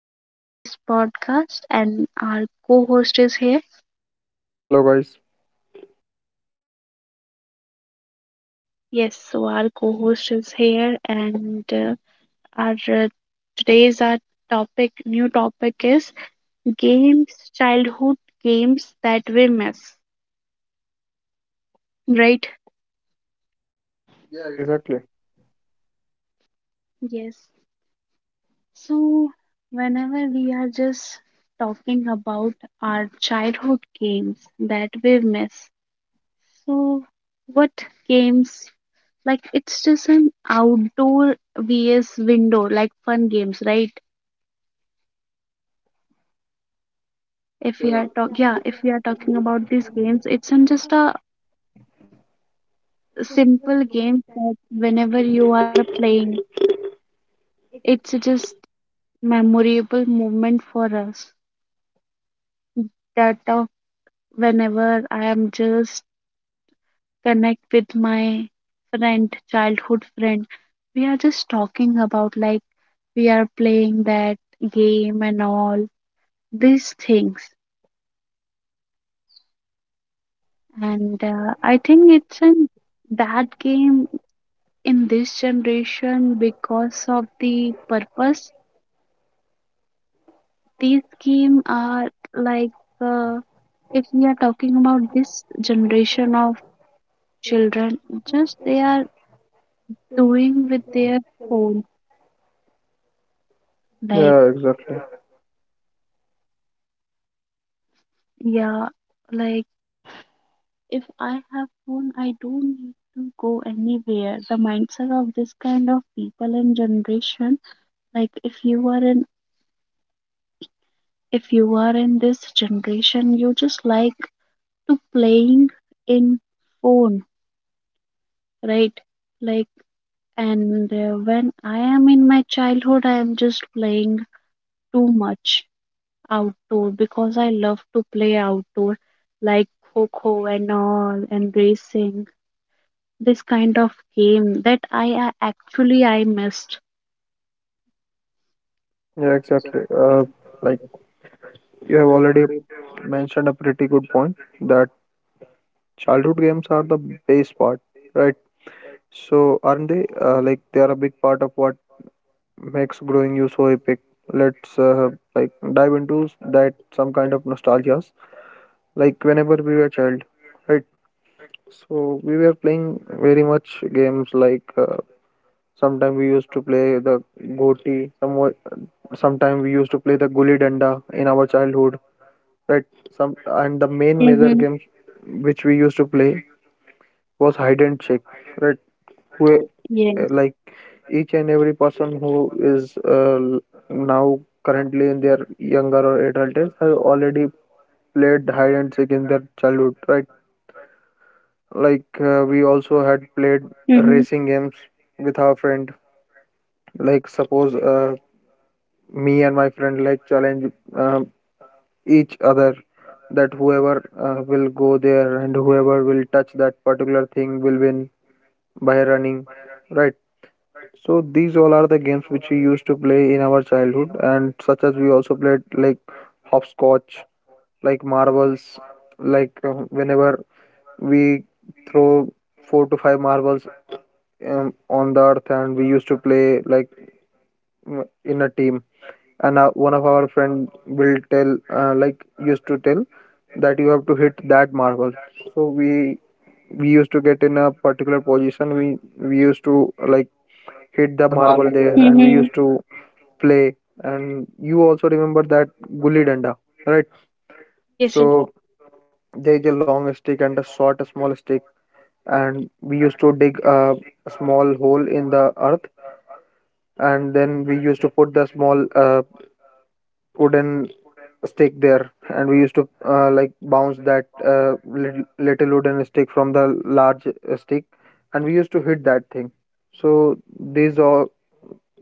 host in this podcast, and our co host is here. Hello, guys. Yes, so our co host is here, and our today's our topic, new topic is games, childhood games that we miss, right? Yeah, exactly. Yes, so whenever we are just talking about our childhood games that we miss, so what games, like it's just an outdoor vs window, like fun games, right? If Yeah, we are talk, yeah, if we are talking about these games, it's not just a simple game that whenever you are playing, it's just memorable moment for us. That of whenever I am just connect with my friend, childhood friend, we are just talking about like we are playing that game and all these things. And I think it's in that game in this generation because of the purpose. These games are like, uh, if we are talking about this generation of children, just they are doing with their phone. Like, yeah, exactly. yeah, like if I have phone, I don't need to go anywhere. The mindset of this kind of people and generation, like if you are in this generation, you just like to playing in phone, right? Like, and when I am in my childhood, I am just playing too much outdoor because I love to play outdoor, like kho and all, and racing. This kind of game that I actually I missed. Yeah, exactly. Like you have already mentioned a pretty good point that childhood games are the base part, right? So, aren't they? Like they are a big part of what makes growing you so epic. Let's dive into that some kind of nostalgias. Like whenever we were child, right? So we were playing very much games like sometimes we used to play the goti, sometimes we used to play the gulli danda in our childhood, right? Some and the main major Mm-hmm. games which we used to play was hide and seek, right? Who Yeah. like each and every person who is now currently in their younger or adult age has already played hide and seek in their childhood, right? Like we also had played Mm-hmm. racing games with our friend. Like suppose me and my friend like challenge um each other that whoever will go there and whoever will touch that particular thing will win by running, right? So these all are the games which we used to play in our childhood, and such as we also played like hopscotch, like marbles, like whenever we throw four to five marbles on the earth and we used to play like, in a team, and one of our friend will tell, used to tell that you have to hit that marble. So we used to get in a particular position, we used to like hit the marble there, and we Mm-hmm. used to play. And you also remember that gulli danda, right? Yes. So there is a long stick and a short small stick, and we used to dig a small hole in the earth, and then we used to put the small wooden stick there, and we used to bounce that little, little wooden stick from the large stick, and we used to hit that thing. So these all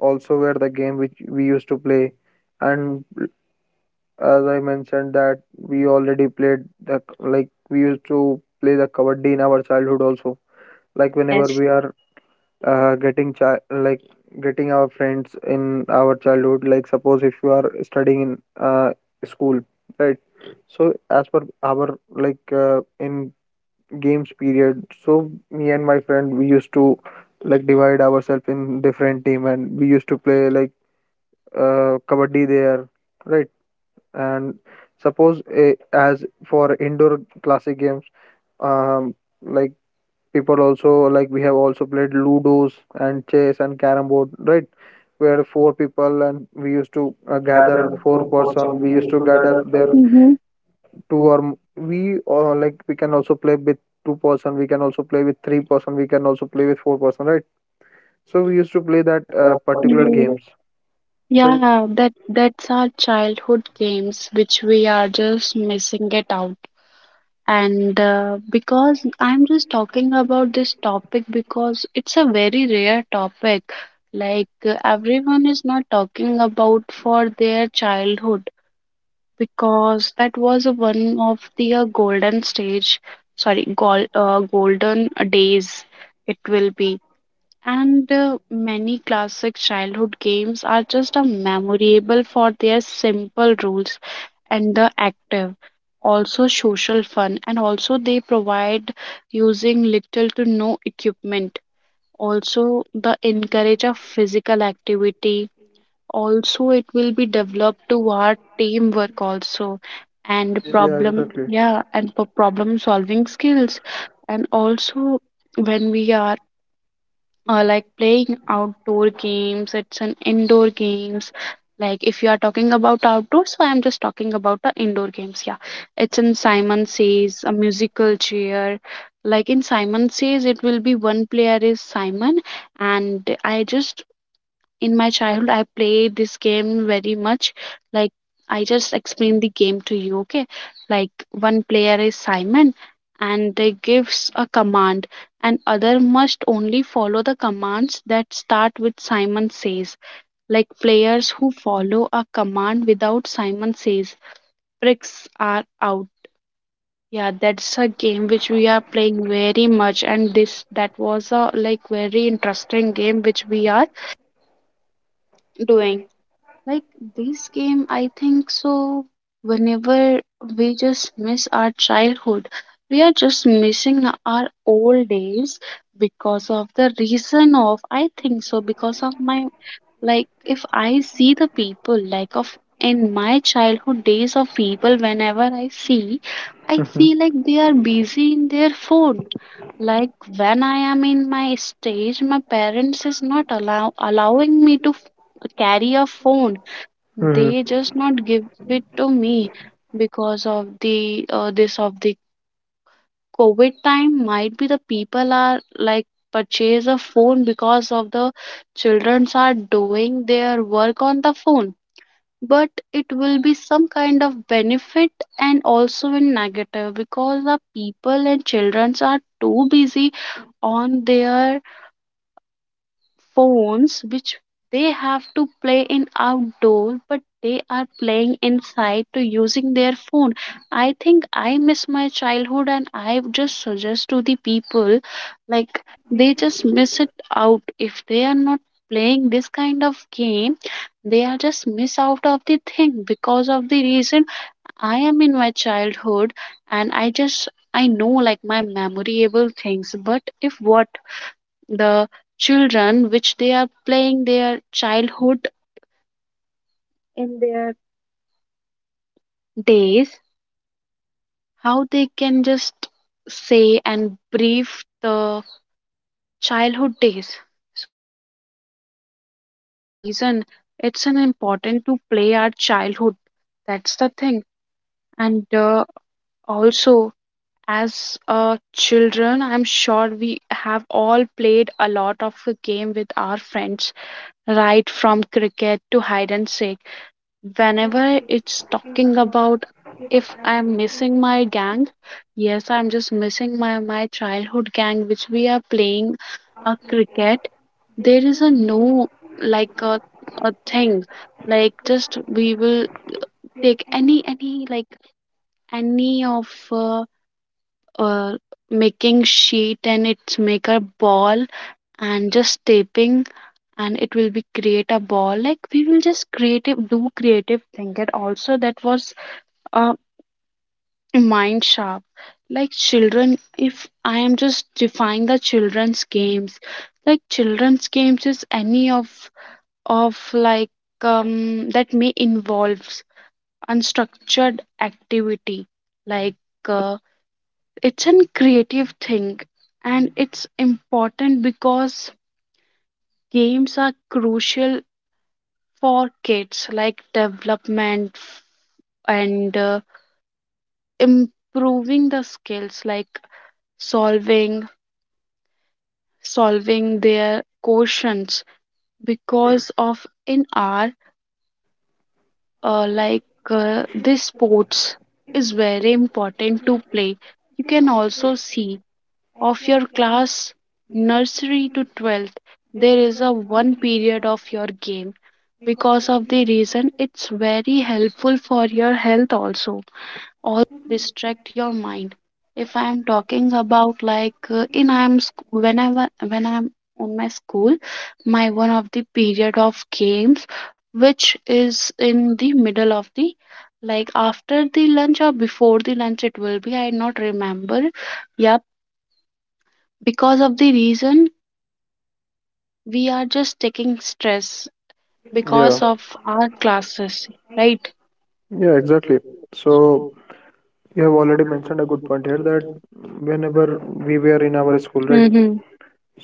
also were the game which we used to play. And as I mentioned that we already played the, like we used to play the kabaddi in our childhood also, like whenever Yes. we are getting chi- like getting our friends in our childhood, like suppose if you are studying in school, right? So as per our in games period, so me and my friend we used to like divide ourselves in different team and we used to play like kabaddi there, right? And suppose as for indoor classic games, um like people also, like we have also played ludos and chess and carrom board, right, where four people, and we used to Yes. gather four person, we used to gather there. Mm-hmm. Two or m- we or like we can also play with two person, we can also play with three person, we can also play with four person, right? So we used to play that particular Mm, games, right? yeah, that that's our childhood games which we are just missing it out. And because I'm just talking about this topic because it's a very rare topic. Everyone is not talking about for their childhood because that was a one of the golden stage, sorry, golden days it will be. And many classic childhood games are just a memorable for their simple rules and the active, also social fun, and also they provide using little to no equipment. Also, the encourage of physical activity. Also, it will be developed toward teamwork also, and Yeah, exactly. Problem solving skills, and also when we are like playing outdoor games it's an indoor games, like if you are talking about outdoors, so I'm just talking about the indoor games, yeah. It's in Simon says a musical chair, like in Simon says it will be one player is Simon, and I just in my childhood I played this game very much. Like, I just explain the game to you. Okay, like one player is Simon, and they gives a command, and other must only follow the commands that start with Simon says. Like players who follow a command without Simon says pricks are out. Yeah, that's a game which we are playing very much, and this that was a like very interesting game which we are doing. Like this game, I think so. Whenever we just miss our childhood, we are just missing our old days because of the reason of, I think so, because of my, like, if I see the people, like, of in my childhood days of people, whenever I Mhm. see like they are busy in their phone. Like when I am in my stage, my parents is not allowing me to carry a phone, they Mhm. just not give it to me because of the this of the covid time. Might be the people are like purchase a phone because of the childrens are doing their work on the phone, but it will be some kind of benefit and also in negative because the people and childrens are too busy on their phones, which they have to play in outdoor, but they are playing inside to using their phone. I think I miss my childhood, and I would just suggest to the people, like they just miss it out. If they are not playing this kind of game, they are just miss out of the thing because of the reason I am in my childhood, and I know like my memorable things. But if what the children which they are playing their childhood in their days, how they can just say and brief the childhood days? So that's the reason it's an important to play our childhood. That's the thing. And also as children, I'm sure we have all played a lot of a game with our friends, right? From cricket to hide and seek, whenever it's talking about if I'm missing my gang, yes, I'm just missing my childhood gang which we are playing a cricket. There is a no like a thing, like just we will take any like any of uh making sheet and it's make a ball, and just taping, and it will be create a ball. Like we will just creative do creative thing, and also that was uh, mind sharp. Like children, if I am just define the children's games, like children's games is any of like that may involves unstructured activity, like it's a creative thing. And it's important because games are crucial for kids like development, and improving the skills like solving solving their questions, because of in our uh, like this sports is very important to play. You can also see of your class, nursery to 12th, there is a one period of your game because of the reason it's very helpful for your health also. All distract your mind. If I'm talking about like in I'm sc- whenever when I'm on my school, my one of the period of games, which is in the middle of the like after the lunch or before the lunch, it will be I not remember. Yep, because of the reason we are just taking stress Yeah, because of our classes, right? yeah, exactly. So you have already mentioned a good point here that whenever we were in our school, right? Mm-hmm.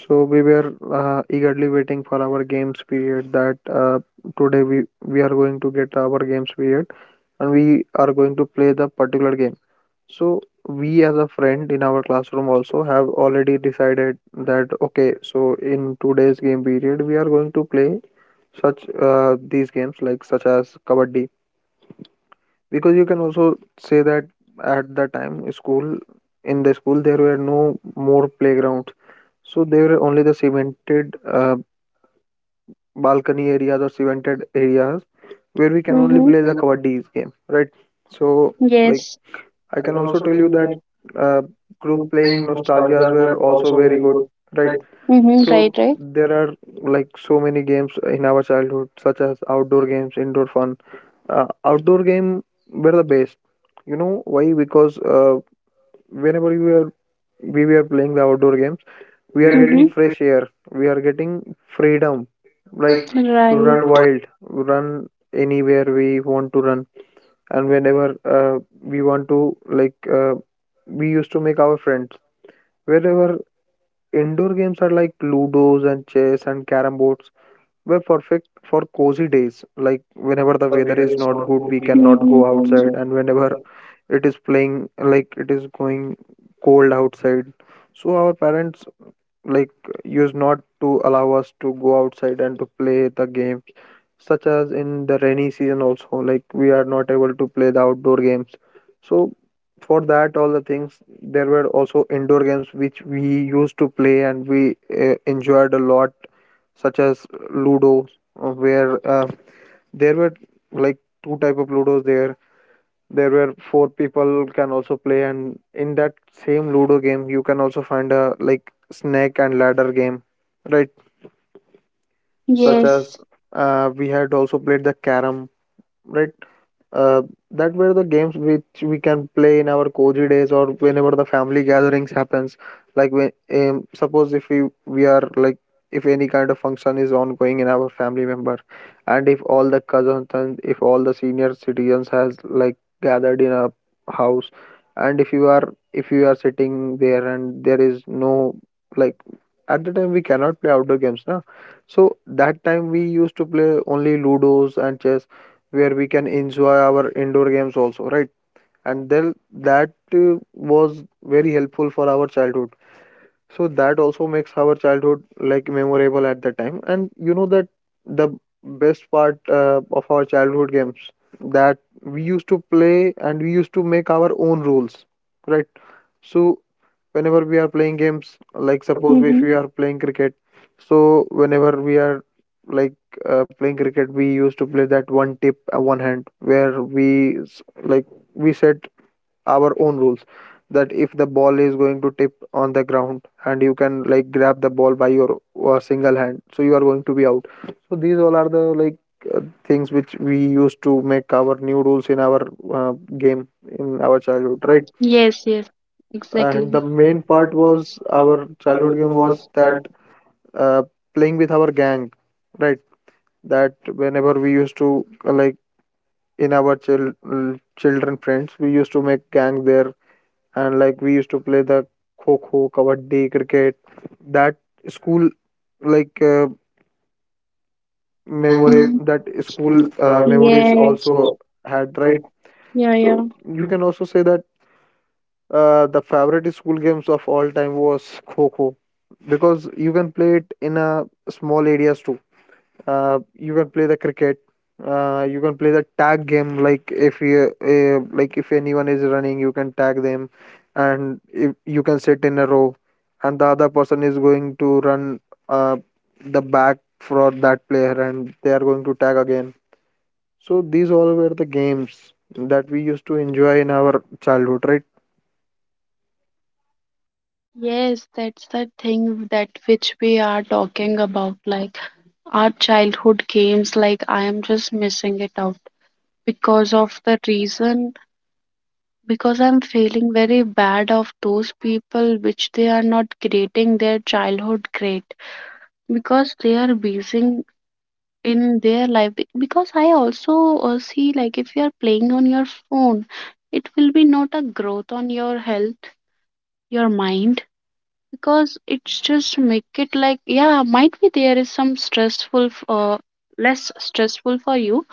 So we were eagerly waiting for our games period, that today we are going to get our games period and we are going to play the particular game. So we as a friend in our classroom also have already decided that okay, so in today's game period we are going to play such these games like such as kabaddi, because you can also say that at the time school, in the school there were no more playgrounds, so they were only the cemented balcony areas or cemented areas where we can only play the Mm-hmm. kabaddi game, right? So, like, Yes. I can also tell you that uh, group playing nostalgias were also very good, right? Mm-hmm. So, Right, right. there are like so many games in our childhood, such as outdoor games, indoor fun. Outdoor game were the best. You know why? Because whenever we were playing the outdoor game, we are getting Mm-hmm. fresh air, we are getting freedom, like to run Right. wild, run anywhere we want to run. And whenever uh, we want to like uh, we used to make our friends, wherever. Indoor games are like ludos and chess and carom boards, were perfect for cozy days, like whenever the weather is not good we cannot Mm-hmm. go outside, and whenever it is playing, like it is going cold outside, so our parents, like, used not to allow us to go outside and to play the games, such as in the rainy season also, like we are not able to play the outdoor games. So for that all the things there were also indoor games which we used to play and we enjoyed a lot, such as ludo, where there were like two type of ludos there. There were four people can also play, and in that same ludo game you can also find a like snake and ladder game, right? Such as Such yes. as we had also played the carom, right? uh, that were the games which we can play in our cozy days or whenever the family gatherings happens. Like when suppose if we are like, if any kind of function is ongoing in our family member, and if all the cousins and if all the senior citizens has like gathered in a house, and if you are sitting there, and there is no like, at the time we cannot play outdoor games, na. So that time we used to play only ludos and chess, where we can enjoy our indoor games also, right? And then that was very helpful for our childhood, so that also makes our childhood like memorable at the time. And you know that the best part of our childhood games, that we used to play and we used to make our own rules, right? So whenever we are playing games, like suppose if Mm-hmm. we are playing cricket, so whenever we are like playing cricket, we used to play that one tip one hand, where we s- like we set our own rules, that if the ball is going to tip on the ground and you can like grab the ball by your single hand, so you are going to be out. So these all are the things which we used to make our new rules in our uh, game in our childhood, We right? yes, yes, and exactly. And the main part was Childhood. our childhood game was that uh, playing with our gang, right? That whenever we used to in our children friends, we used to make gang there, and like we used to play the kho kho, kabaddi, cricket. That school like memory, Mm. that school memories Yeah. also had, right? Yeah, yeah. So you can also say that the favorite school games of all time was kho kho, because you can play it in a small areas too. You can play the cricket, you can play the tag game, like if you if anyone is running you can tag them, and if you can sit in a row, and the other person is going to run uh, the back for that player, and they are going to tag again. So these all were the games that we used to enjoy in our childhood, right? Yes, that's the thing that which we are talking about, like our childhood games, like I am just missing it out because of the reason, because I'm feeling very bad of those people which they are not creating their childhood great because they are busy in their life. Because I also see, like if you are playing on your phone, it will be not a growth on your health, your mind, because it's just make it like, yeah, might be there is some less stressful for you.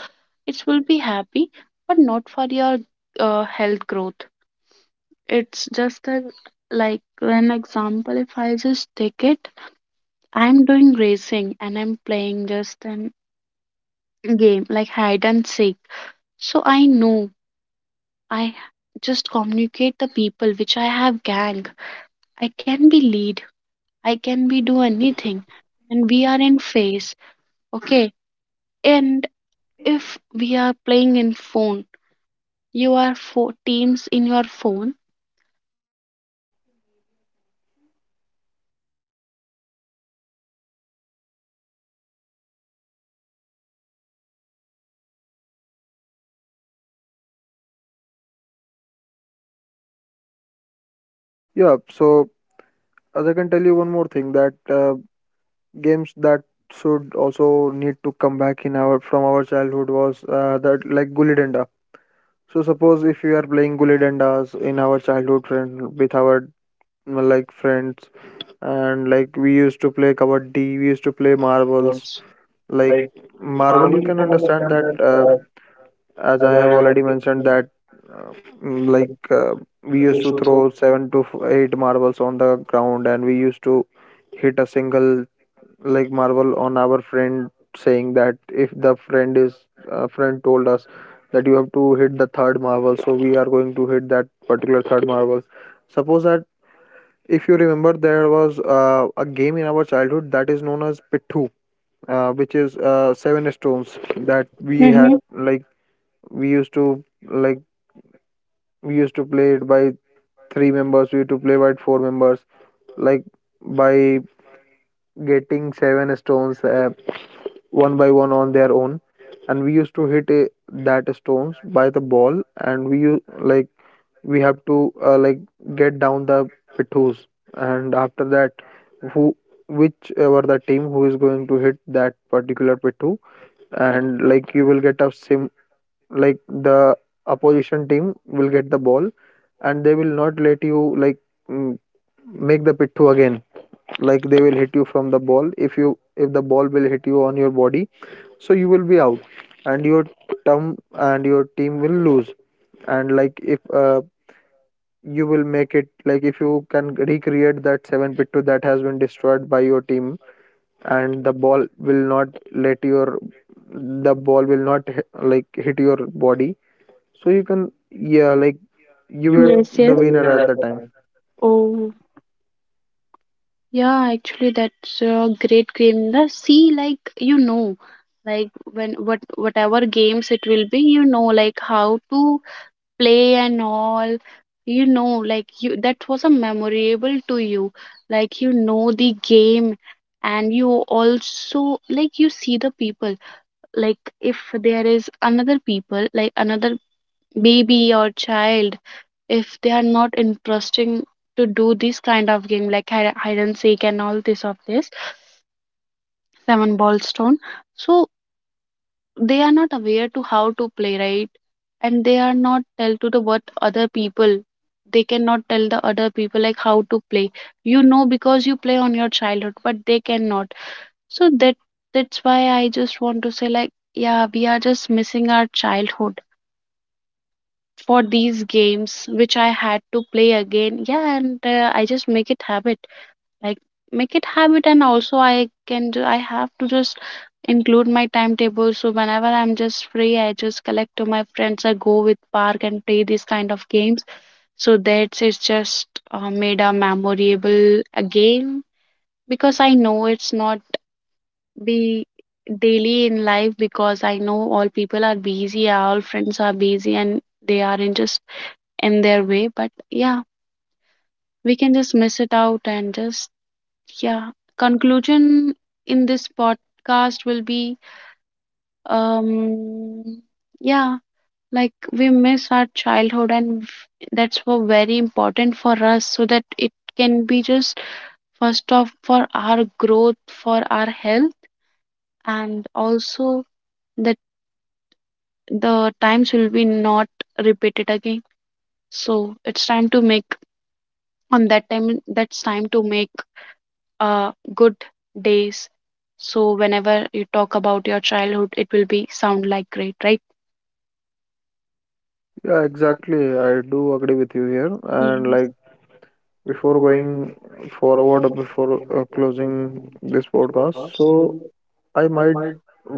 It will be happy, but not for your health growth. It's just a, like an example. If I just take it, I'm doing racing and I'm playing just an game like hide and seek. So I know I just communicate the people which I have gang. I can be lead, I can be do anything, and we are in phase. Okay, and if we are playing in phone, you are for teams in your phone. You have to made your connection, and also its effect on the eyes. Yeah, so as I can tell you one more thing, that games that should also need to come back in our from our childhood was that like gully danda. So suppose if you are playing gully dandas in our childhood friend with our, friends, and like we used to play kabaddi, we used to play marbles. Like marble, you can understand that as I have already mentioned that uh, mm, like uh, we used to throw eight marbles on the ground, and we used to hit a single like marvel on our friend, saying that if the friend is friend told us that you have to hit the third marvel, so we are going to hit that particular third marvel. Suppose that, if you remember, there was a game in our childhood that is known as pittu, which is seven stones that we had Hmm. like. we used to like we used to play it by three members, we used to play by four members, like by getting seven stones one by one on their own, and we used to hit that stones by the ball, and we have to get down the pittus. And after that, who, whichever the team who is going to hit that particular pittu, and like you will get a sim, like the opposition team will get the ball, and they will not let you like mm, make the pittu again. Like they will hit you from the ball, if you, if the ball will hit you on your body, so you will be out, and your term and your team will lose. And like if you will make it, like if you can recreate that 7 pit 2 that has been destroyed by your team, and the ball will not let your, the ball will not hit your body, so you can, yeah, like you were Yes, the yes. winner at the time. Oh, yeah, actually that's a great game. The see, like you know, like when what whatever games it will be, you know, like how to play and all. You know, like you, that was a memorable to you. Like you know the game, and you also like you see the people. Like if there is another people, like another baby or child, if they are not interesting to do this kind of game like hide and seek and all this of this seven ball stone, so they are not aware to how to play, right? And they are not tell to the what other people, they cannot tell the other people like how to play, you know, because you play on your childhood, but they cannot. So that's why I just want to say, like yeah, we are just missing our childhood for these games which I had to play again. Yeah, and I just make it habit, like make it habit. And also I can do, I have to just include my timetable. So whenever I'm just free, I just collect to my friends, I go with park and play these kind of games. So that's, it's just made a memorable again because I know it's not be daily in life because I know all people are busy, all friends are busy, and they are in just in their way. But yeah, we can just miss it out and just, yeah, conclusion in this podcast will be, um yeah, like we miss our childhood, and that's what very important for us so that it can be just first off for our growth, for our health, and also that the times will be not repeated again. So it's time to make on that time, that's time to make good days. So whenever you talk about your childhood, it will be sound like great, right? Yeah, exactly, I do agree with you here. And like, Yes. before going forward or before closing this podcast, so I might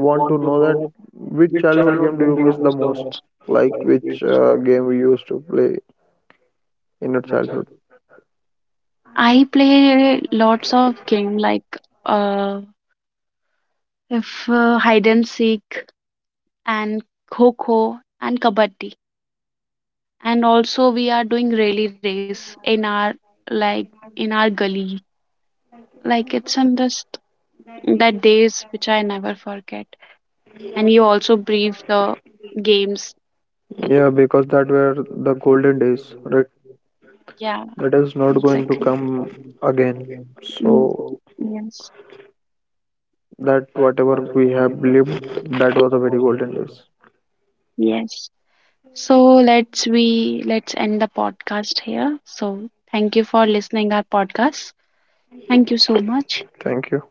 want to know that which childhood game do you miss the most? Like which game we used to play in your childhood? I play lots of game like uh, if hide and seek, and kho kho and kabaddi, and also we are doing rally race in our like in our gully. Like it's in this that days which I never forget. And you also brief the games. Yeah, because that were the golden days, right? Yeah. That is not going to come again. Mm, So yes. that whatever we have lived, that was a very golden days. Yes. So let's end the podcast here. So thank you for listening our podcast. Thank you so much. Thank you.